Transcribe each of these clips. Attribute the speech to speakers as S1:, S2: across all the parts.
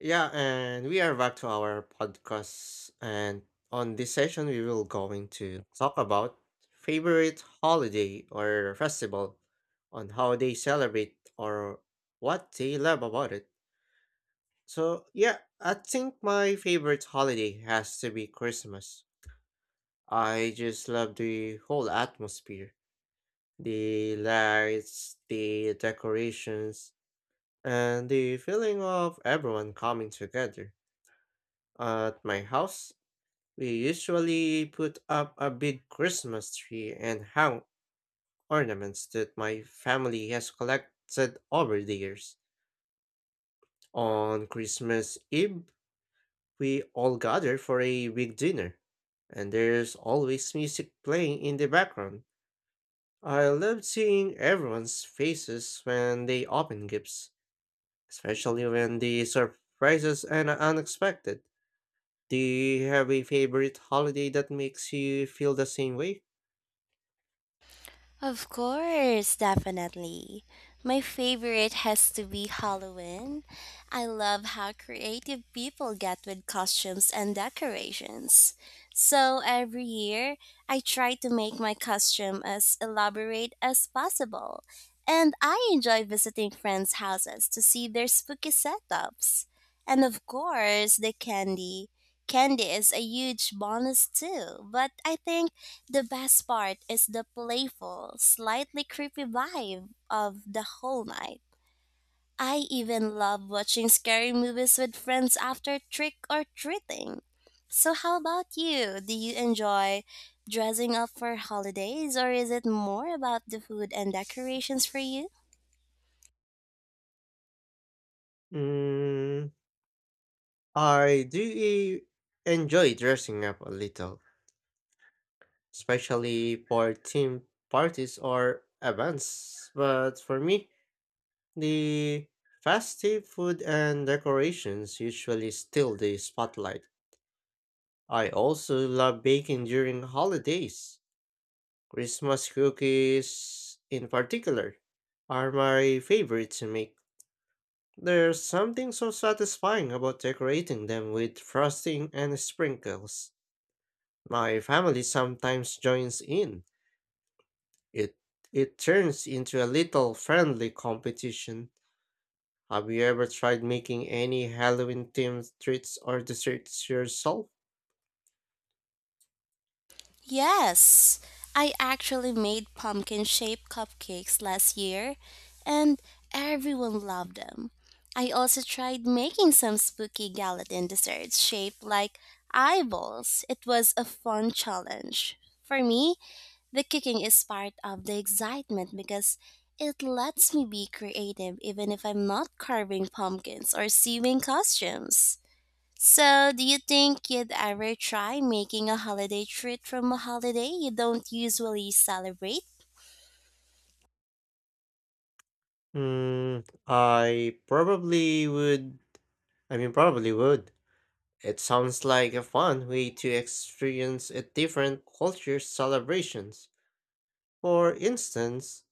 S1: Yeah, and we are back to our podcast. And on this session, we will going to talk about favorite holiday or festival, on how they celebrate or what they love about it. So yeah, I think my favorite holiday has to be Christmas. I just love the whole atmosphere, the lights, the decorations, and the feeling of everyone coming together. At my house, we usually put up a big Christmas tree and hang ornaments that my family has collected over the years. On Christmas Eve, we all gather for a big dinner, and there's always music playing in the background. I love seeing everyone's faces when they open gifts, especially when the surprises and unexpected. Do you have a favorite holiday that makes you feel the same way?
S2: Of course, definitely. My favorite has to be Halloween. I love how creative people get with costumes and decorations. So every year, I try to make my costume as elaborate as possible. And I enjoy visiting friends' houses to see their spooky setups. And of course, the candy. Candy is a huge bonus too, but I think the best part is the playful, slightly creepy vibe of the whole night. I even love watching scary movies with friends after trick or treating. So, how about you? Do you enjoy dressing up for holidays, or is it more about the food and decorations for you?
S1: Mm, I do enjoy dressing up a little, especially for team parties or events. But for me, the festive food and decorations usually steal the spotlight. I also love baking during holidays. Christmas cookies, in particular, are my favorite to make. There's something so satisfying about decorating them with frosting and sprinkles. My family sometimes joins in. It it turns into a little friendly competition. Have you ever tried making any Halloween themed treats or desserts yourself?
S2: Yes, I actually made pumpkin shaped cupcakes last year and everyone loved them. I also tried making some spooky gelatin desserts shaped like eyeballs. It was a fun challenge. For me, the cooking is part of the excitement because it lets me be creative even if I'm not carving pumpkins or sewing costumes. So, do you think you'd ever try making a holiday treat from a holiday you don't usually celebrate?
S1: I probably would. I mean, probably would. It sounds like a fun way to experience a different culture's celebrations. For instance,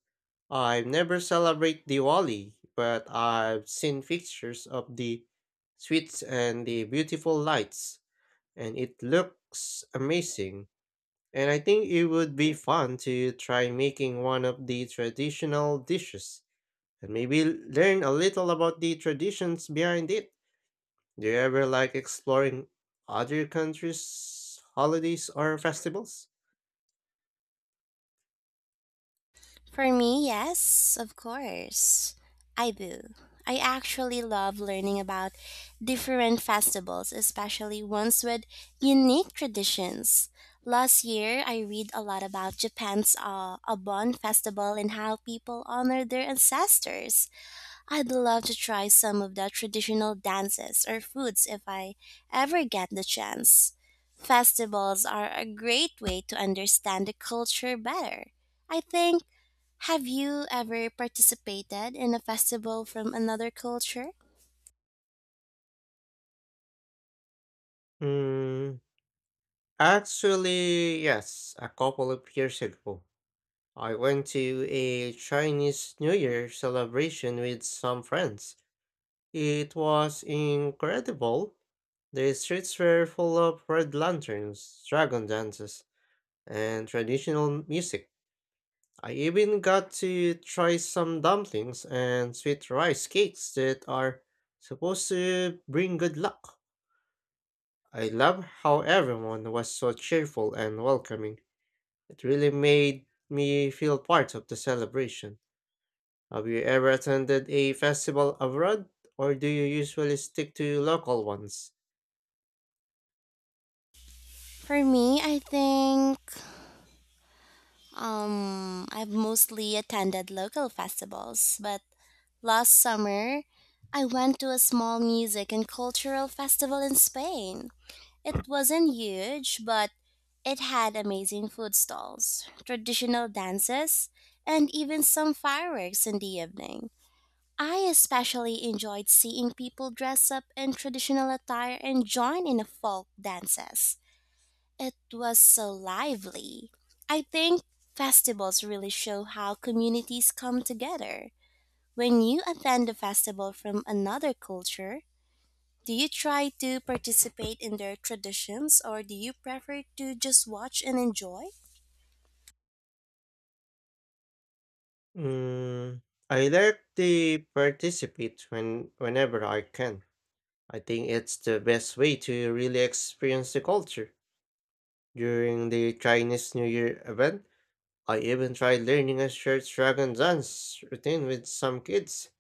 S1: I've never celebrate Diwali, but I've seen pictures of the sweets and the beautiful lights, and it looks amazing. And I think it would be fun to try making one of the traditional dishes and maybe learn a little about the traditions behind it. Do you ever like exploring other countries' holidays or festivals?
S2: For me, yes, of course. I do. I actually love learning about different festivals, especially ones with unique traditions. Last year, I read a lot about Japan's Obon festival and how people honor their ancestors. I'd love to try some of the traditional dances or foods if I ever get the chance. Festivals are a great way to understand the culture better. I think, have you ever participated in a festival from another culture?
S1: Hmm, actually, yes, a couple of years ago. I went to a Chinese New Year celebration with some friends. It was incredible. The streets were full of red lanterns, dragon dances, and traditional music. I even got to try some dumplings and sweet rice cakes that are supposed to bring good luck. I love how everyone was so cheerful and welcoming. It really made me feel part of the celebration. Have you ever attended a festival abroad, or do you usually stick to local ones?
S2: For me, I think I've mostly attended local festivals, but last summer I went to a small music and cultural festival in Spain. It wasn't huge, but it had amazing food stalls, traditional dances, and even some fireworks in the evening. I especially enjoyed seeing people dress up in traditional attire and join in the folk dances. It was so lively. I think festivals really show how communities come together. When you attend a festival from another culture, do you try to participate in their traditions or do you prefer to just watch and enjoy?
S1: Mm, I directly participate whenever I can. I think it's the best way to really experience the culture. During the Chinese New Year event, I even tried learning a short dragon dance routine with some kids.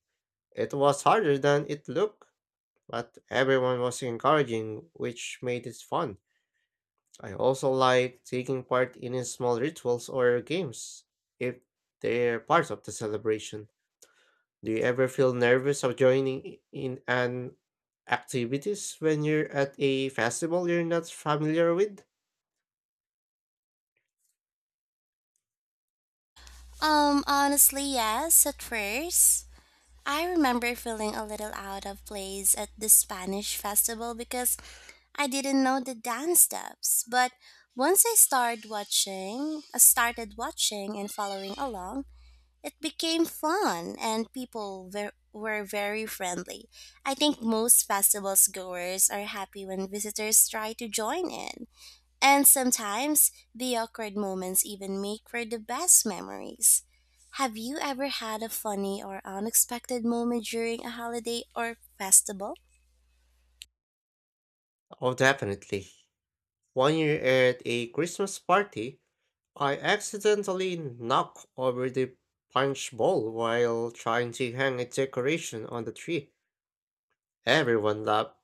S1: It was harder than it looked, but everyone was encouraging, which made it fun. I also like taking part in small rituals or games if they're part of the celebration. Do you ever feel nervous of joining in an activities when you're at a festival you're not familiar with?
S2: Honestly, yes, at first. I remember feeling a little out of place at the Spanish festival because I didn't know the dance steps. But once I started watching, and following along, it became fun and were very friendly. I think most festivals goers are happy when visitors try to join in. And sometimes the awkward moments even make for the best memories. Have you ever had a funny or unexpected moment during a holiday or festival?
S1: Oh, definitely. One year at a Christmas party, I accidentally knocked over the punch bowl while trying to hang a decoration on the tree. Everyone laughed,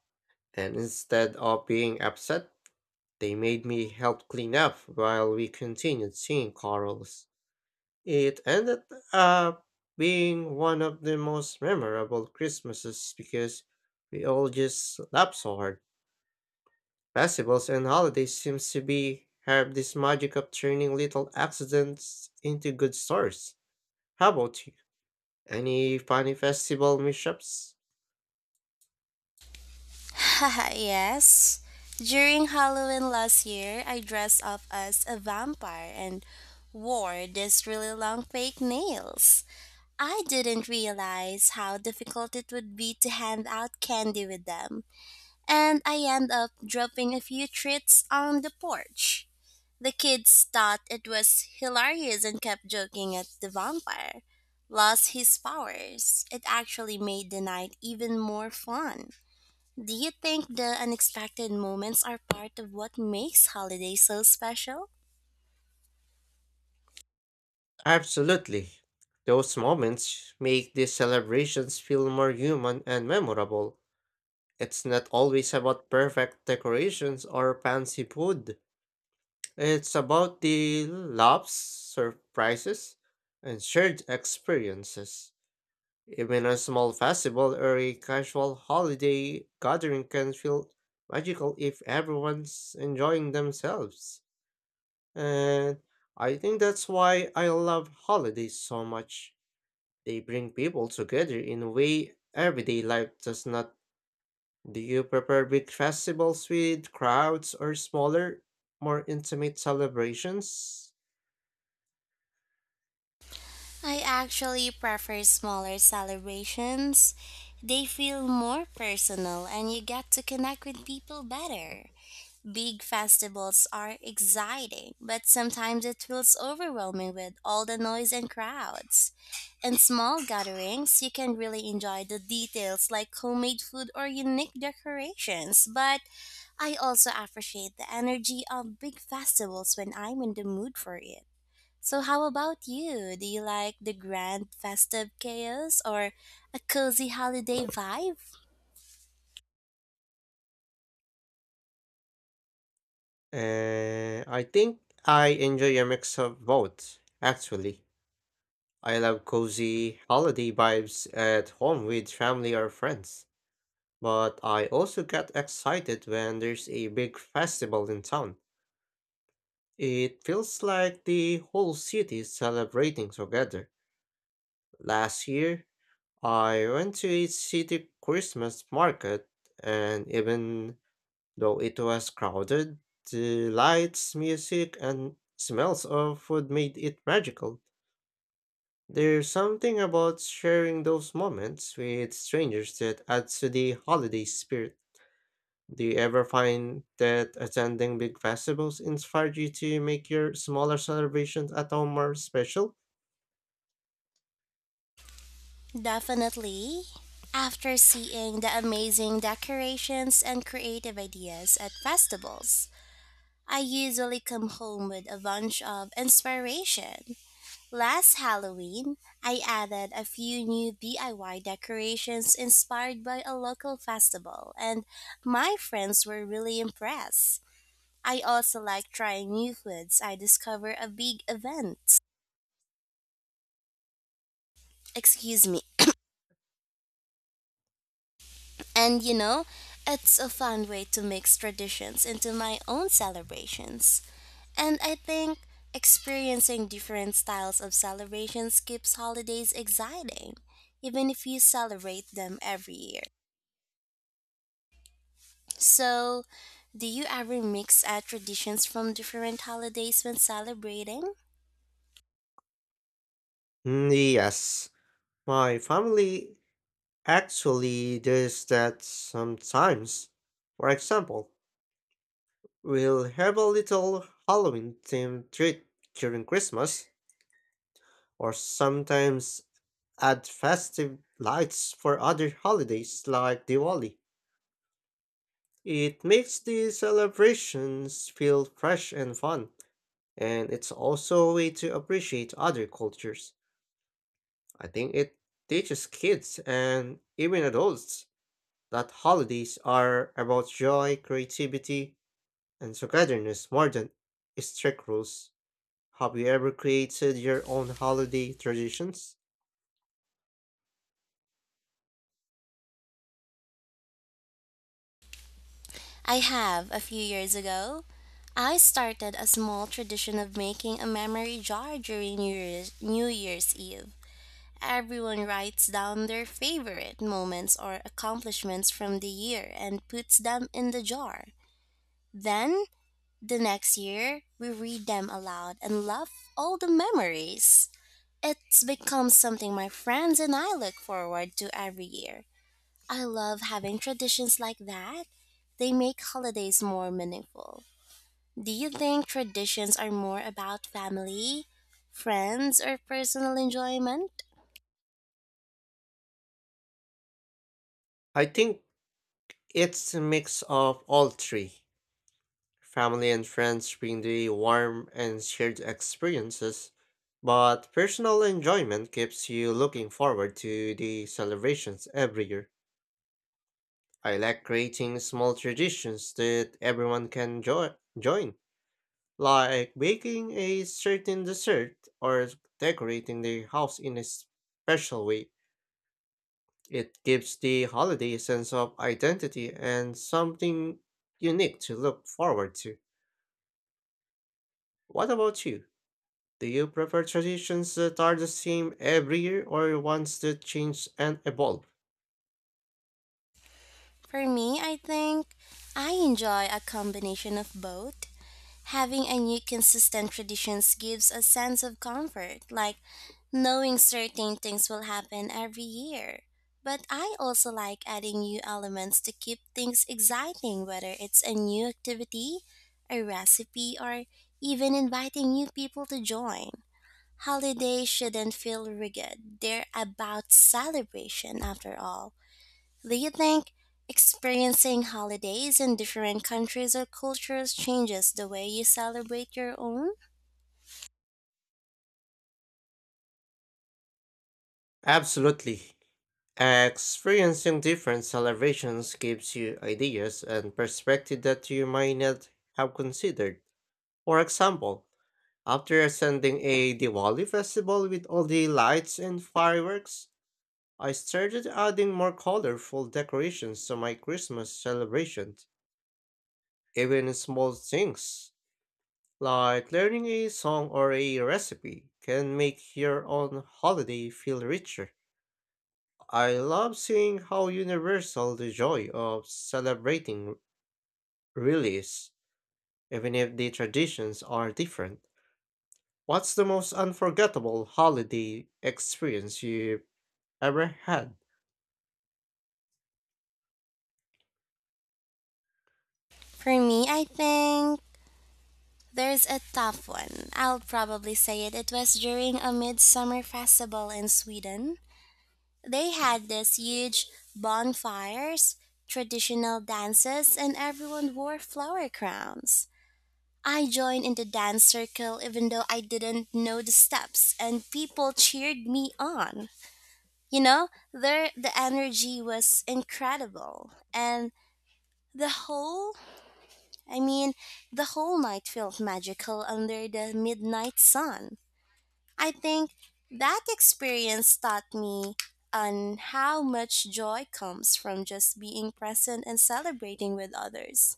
S1: and instead of being upset, they made me help clean up while we continued singing carols. It ended up being one of the most memorable Christmases because we all just laughed so hard. Festivals and holidays seems to be have this magic of turning little accidents into good stories. How about you? Any funny festival mishaps?
S2: Yes. During Halloween last year, I dressed up as a vampire and wore these really long fake nails. I didn't realize how difficult it would be to hand out candy with them, and I end up dropping a few treats on the porch. The kids thought it was hilarious and kept joking at the vampire. Lost his powers. It actually made the night even more fun. Do you think the unexpected moments are part of what makes holidays so special?
S1: Absolutely. Those moments make the celebrations feel more human and memorable. It's not always about perfect decorations or fancy food. It's about the laughs, surprises, and shared experiences. Even a small festival or a casual holiday gathering can feel magical if everyone's enjoying themselves. And I think that's why I love holidays so much. They bring people together in a way everyday life does not. Do you prefer big festivals with crowds or smaller, more intimate celebrations?
S2: I actually prefer smaller celebrations. They feel more personal and you get to connect with people better. Big festivals are exciting, but sometimes it feels overwhelming with all the noise and crowds. In small gatherings, you can really enjoy the details like homemade food or unique decorations, but I also appreciate the energy of big festivals when I'm in the mood for it. So, how about you? Do you like the grand festive chaos or a cozy holiday vibe?
S1: And I think I enjoy a mix of both, actually. I love cozy holiday vibes at home with family or friends, but I also get excited when there's a big festival in town. It feels like the whole city is celebrating together. Last year, I went to a city Christmas market and even though it was crowded, the lights, music, and smells of food made it magical. There's something about sharing those moments with strangers that adds to the holiday spirit. Do you ever find that attending big festivals inspired you to make your smaller celebrations at home more special?
S2: Definitely. After seeing the amazing decorations and creative ideas at festivals, I usually come home with a bunch of inspiration. Last Halloween, I added a few new DIY decorations inspired by a local festival, and my friends were really impressed. I also like trying new foods I discover a big event. Excuse me. And it's a fun way to mix traditions into my own celebrations. And I think experiencing different styles of celebrations keeps holidays exciting, even if you celebrate them every year. So, do you ever mix traditions from different holidays when celebrating?
S1: Yes. My family actually does that sometimes. For example, we'll have a little Halloween themed treat during Christmas, or sometimes add festive lights for other holidays like Diwali. It makes the celebrations feel fresh and fun, and it's also a way to appreciate other cultures. I think it teaches kids and even adults that holidays are about joy, creativity, and togetherness more than strict rules. Have you ever created your own holiday traditions?
S2: I have, a few years ago. I started a small tradition of making a memory jar during New Year's Eve. Everyone writes down their favorite moments or accomplishments from the year and puts them in the jar. Then, the next year, we read them aloud and love all the memories. It's become something my friends and I look forward to every year. I love having traditions like that. They make holidays more meaningful. Do you think traditions are more about family, friends, or personal enjoyment?
S1: I think it's a mix of all three. Family and friends bring the warm and shared experiences, but personal enjoyment keeps you looking forward to the celebrations every year. I like creating small traditions that everyone can join, like baking a certain dessert or decorating the house in a special way. It gives the holiday a sense of identity and something unique to look forward to. What about you? Do you prefer traditions that are the same every year or ones that change and evolve?
S2: For me, I think I enjoy a combination of both. Having a new consistent traditions gives a sense of comfort, like knowing certain things will happen every year. But I also like adding new elements to keep things exciting, whether it's a new activity, a recipe, or even inviting new people to join. Holidays shouldn't feel rigid, they're about celebration after all. Do you think experiencing holidays in different countries or cultures changes the way you celebrate your own?
S1: Absolutely. Experiencing different celebrations gives you ideas and perspective that you might not have considered. For example, after attending a Diwali festival with all the lights and fireworks, I started adding more colorful decorations to my Christmas celebrations. Even small things, like learning a song or a recipe, can make your own holiday feel richer. I love seeing how universal the joy of celebrating really is, even if the traditions are different. What's the most unforgettable holiday experience you've ever had?
S2: For me, I think there's a tough one. I'll probably say it. It was during a midsummer festival in Sweden. They had this huge bonfires, traditional dances, and everyone wore flower crowns. I joined in the dance circle even though I didn't know the steps, and people cheered me on. There the energy was incredible and the whole, I mean, the whole night felt magical under the midnight sun. I think that experience taught me on how much joy comes from just being present and celebrating with others.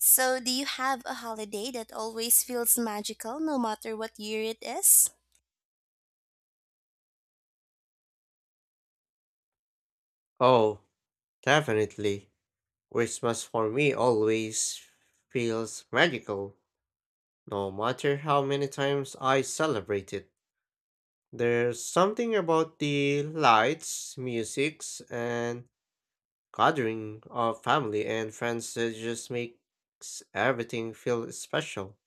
S2: So, do you have a holiday that always feels magical no matter what year it is?
S1: Oh, definitely. Christmas for me always feels magical, no matter how many times I celebrate it. There's something about the lights, musics, and gathering of family and friends that just makes everything feel special.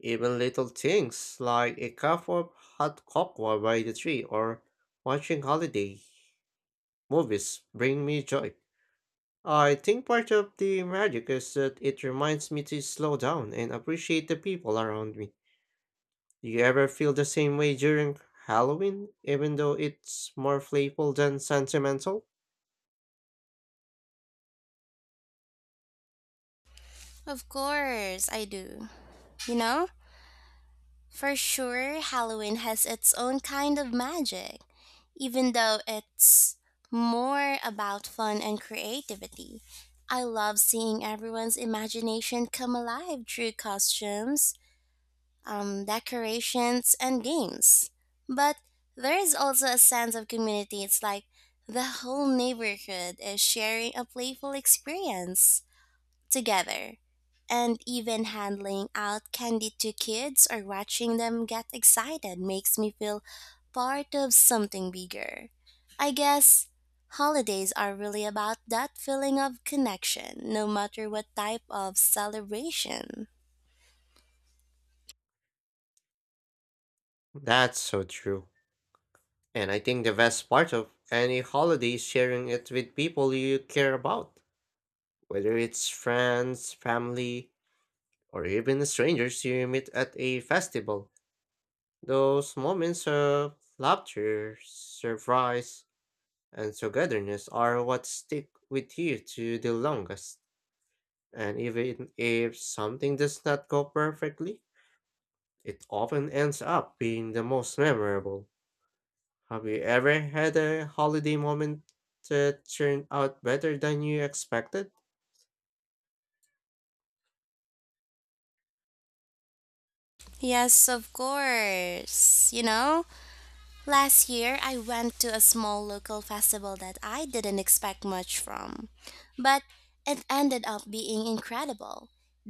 S1: Even little things like a cup of hot cocoa by the tree or watching holiday movies bring me joy. I think part of the magic is that it reminds me to slow down and appreciate the people around me. Do you ever feel the same way during Halloween, even though it's more playful than sentimental?
S2: Of course, I do. You know? For sure, Halloween has its own kind of magic, even though it's more about fun and creativity. I love seeing everyone's imagination come alive through costumes, decorations, and games. But there is also a sense of community. It's like the whole neighborhood is sharing a playful experience together, and even handling out candy to kids or watching them get excited makes me feel part of something bigger. I guess holidays are really about that feeling of connection, no matter what type of celebration.
S1: That's so true. And I think the best part of any holiday is sharing it with people you care about, whether it's friends, family, or even strangers you meet at a festival. Those moments of laughter, surprise, and togetherness are what stick with you to the longest. And even if something does not go perfectly, it often ends up being the most memorable. Have you ever had a holiday moment that turned out better than you expected?
S2: Yes, of course. You know? Last year, I went to a small local festival that I didn't expect much from, but it ended up being incredible.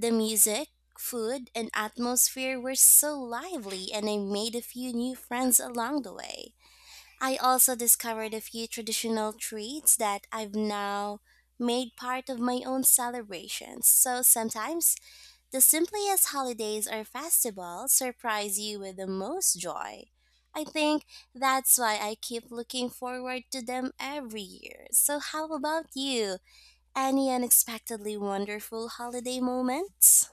S2: The music, food, and atmosphere were so lively, and I made a few new friends along the way. I also discovered a few traditional treats that I've now made part of my own celebrations. So sometimes the simplest holidays or festivals surprise you with the most joy. I think that's why I keep looking forward to them every year. So, how about you? Any unexpectedly wonderful holiday moments?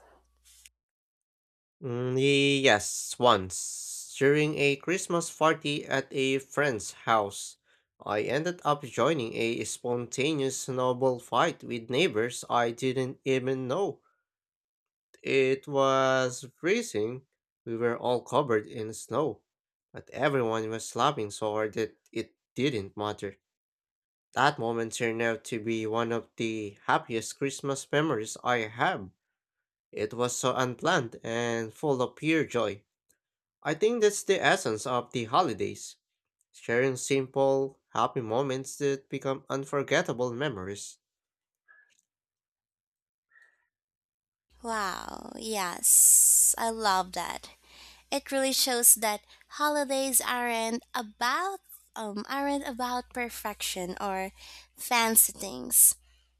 S1: Mm, yes, once. During a Christmas party at a friend's house, I ended up joining a spontaneous snowball fight with neighbors I didn't even know. It was freezing. We were all covered in snow, but everyone was laughing so hard that it didn't matter. That moment turned out to be one of the happiest Christmas memories I have. It was so unplanned and full of pure joy. I think that's the essence of the holidays sharing simple, happy moments that become unforgettable memories.
S2: Wow, yes, I love that. It really shows that holidays aren't about aren't about perfection or fancy things.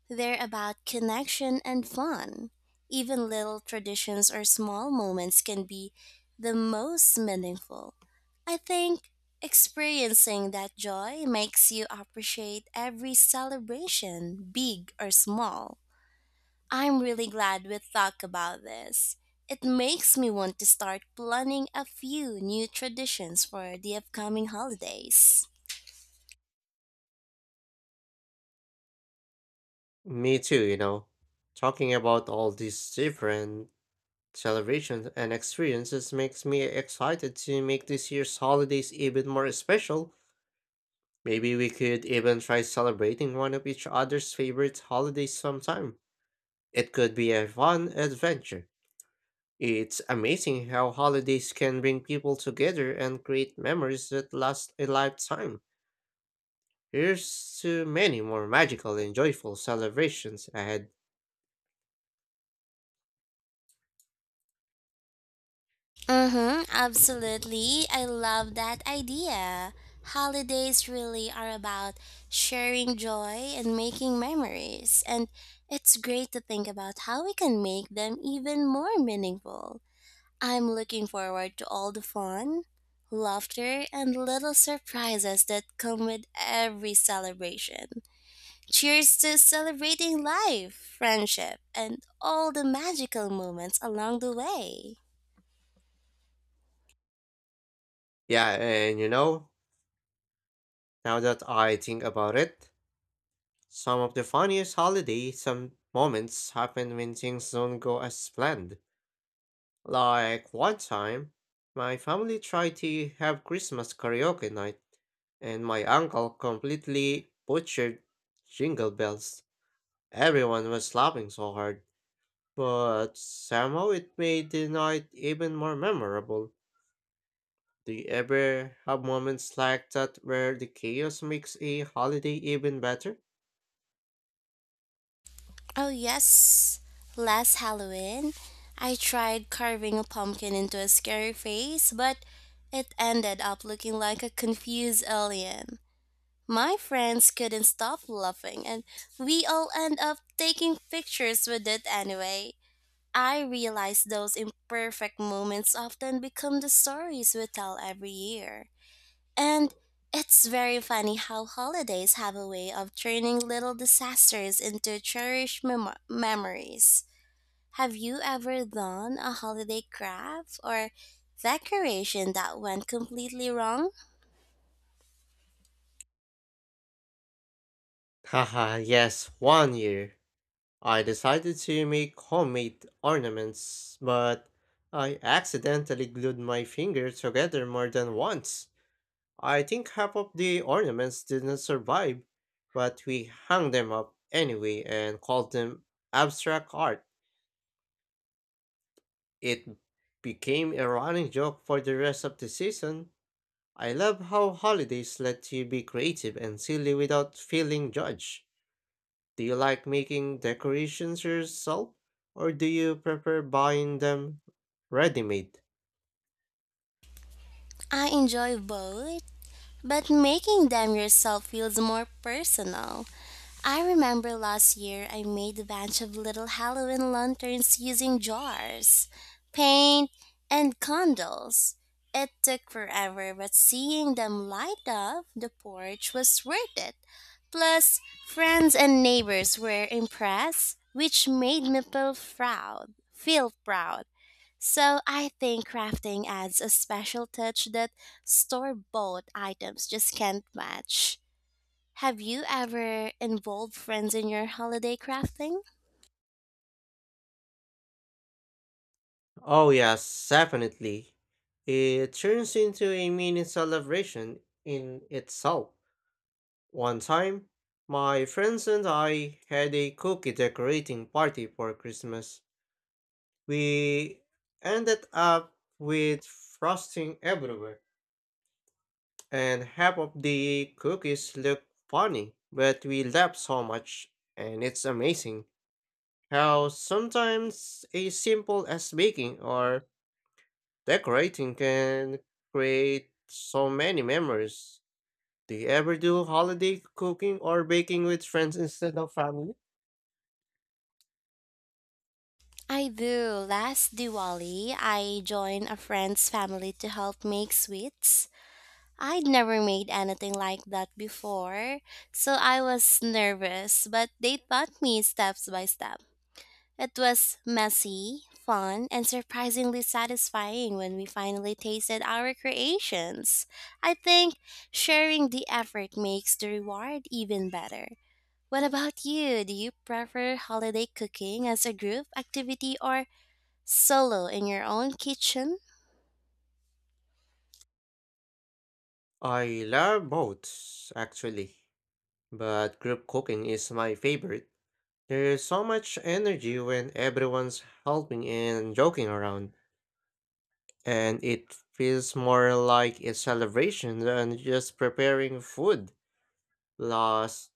S2: They're about connection and fun. Even little traditions or small moments can be the most meaningful. I think experiencing that joy makes you appreciate every celebration, big or small. I'm really glad we talked about this. It makes me want to start planning a few new traditions for the upcoming holidays.
S1: Me too, you know. Talking about all these different celebrations and experiences makes me excited to make this year's holidays even more special. Maybe we could even try celebrating one of each other's favorite holidays sometime. It could be a fun adventure. It's amazing how holidays can bring people together and create memories that last a lifetime. Here's to many more magical and joyful celebrations ahead.
S2: Mm-hmm, absolutely. I love that idea. Holidays really are about sharing joy and making memories, and it's great to think about how we can make them even more meaningful. I'm looking forward to all the fun, laughter, and little surprises that come with every celebration. Cheers to celebrating life, friendship, and all the magical moments along the way.
S1: Yeah, and you know, now that I think about it, some of the funniest holiday some moments happen when things don't go as planned. Like one time, my family tried to have Christmas karaoke night, and my uncle completely butchered jingle bells. Everyone was laughing so hard, but somehow it made the night even more memorable. Do you ever have moments like that where the chaos makes a holiday even better?
S2: Oh, yes, last Halloween, I tried carving a pumpkin into a scary face, but it ended up looking like a confused alien. My friends couldn't stop laughing, and we all end up taking pictures with it anyway. I realize those imperfect moments often become the stories we tell every year. And it's very funny how holidays have a way of turning little disasters into cherished memories. Have you ever done a holiday craft or decoration that went completely wrong?
S1: Yes, one year. I decided to make homemade ornaments, but I accidentally glued my finger together more than once. I think half of the ornaments didn't survive, but we hung them up anyway and called them abstract art. It became a running joke for the rest of the season. I love how holidays let you be creative and silly without feeling judged. Do you like making decorations yourself, or do you prefer buying them ready made?
S2: I enjoy both. But making them yourself feels more personal. I remember last year I made a bunch of little Halloween lanterns using jars, paint, and candles. It took forever, but seeing them light up the porch was worth it. Plus, friends and neighbors were impressed, which made me feel proud. So I think crafting adds a special touch that store-bought items just can't match. Have you ever involved friends in your holiday crafting?
S1: Oh, yes, definitely. It turns into a mini celebration in itself. One time, my friends and I had a cookie decorating party for Christmas. We ended up with frosting everywhere, and half of the cookies look funny, but we laughed so much, and it's amazing how sometimes a simple as baking or decorating can create so many memories. Do you ever do holiday cooking or baking with friends instead of family?
S2: I do. Last Diwali, I joined a friend's family to help make sweets. I'd never made anything like that before, so I was nervous, but they taught me steps by step. It was messy, fun, and surprisingly satisfying when we finally tasted our creations. I think sharing the effort makes the reward even better. What about you? Do you prefer holiday cooking as a group activity or solo in your own kitchen?
S1: I love both, actually, but group cooking is my favorite. There's so much energy when everyone's helping and joking around, and it feels more like a celebration than just preparing food. Plus,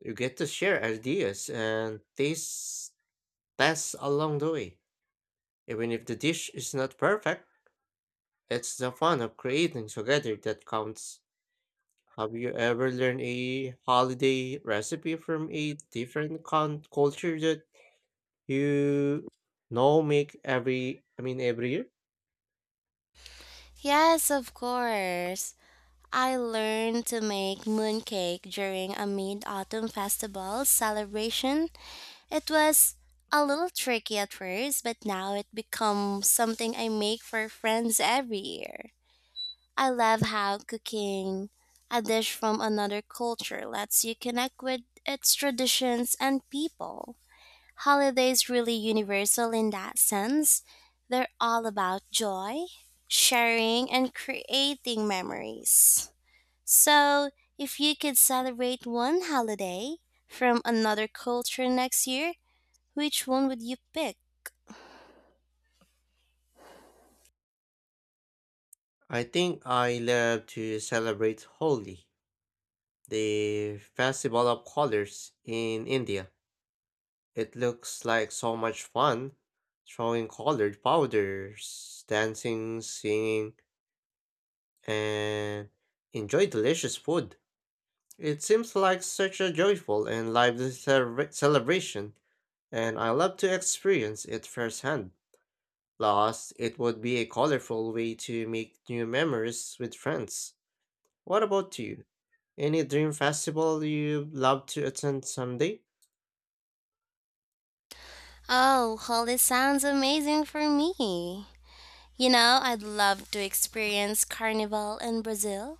S1: you get to share ideas and taste tests along the way. Even if the dish is not perfect, it's the fun of creating together that counts. Have you ever learned a holiday recipe from a different culture that You make every, I mean, every year?
S2: Yes, of course. I learned to make mooncake during a mid autumn festival celebration. It was a little tricky at first, but now it becomes something I make for friends every year. I love how cooking a dish from another culture lets you connect with its traditions and people. Holidays really universal in that sense. They're all about joy, sharing and creating memories. So, if you could celebrate one holiday from another culture next year, which one would you pick?
S1: I think I love to celebrate Holi, the festival of colors in India. It looks like so much fun, throwing colored powders, dancing, singing, and enjoy delicious food. It seems like such a joyful and lively celebration, and I love to experience it firsthand. Plus, it would be a colorful way to make new memories with friends. What about you? Any dream festival you'd love to attend someday?
S2: Oh, Holi sounds amazing for me. You know, I'd love to experience Carnival in Brazil.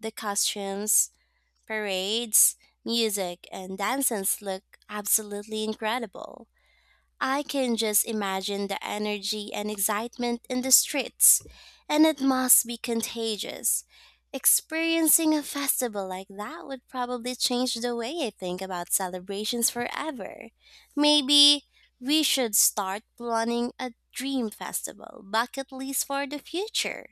S2: The costumes, parades, music, and dances look absolutely incredible. I can just imagine the energy and excitement in the streets, and it must be contagious. Experiencing a festival like that would probably change the way I think about celebrations forever. Maybe we should start planning a dream festival bucket list for the future.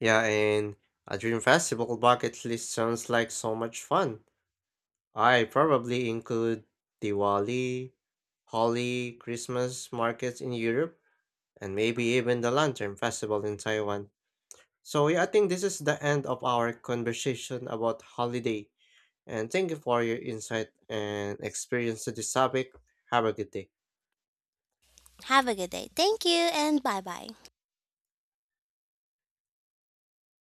S1: Yeah, and a dream festival bucket list sounds like so much fun. I probably include Diwali, Holi, Christmas markets in Europe, and maybe even the Lantern Festival in Taiwan. So, yeah, I think this is the end of our conversation about holiday. And thank you for your insight and experience to this topic. Have a good day.
S2: Have a good day. Thank you and bye bye.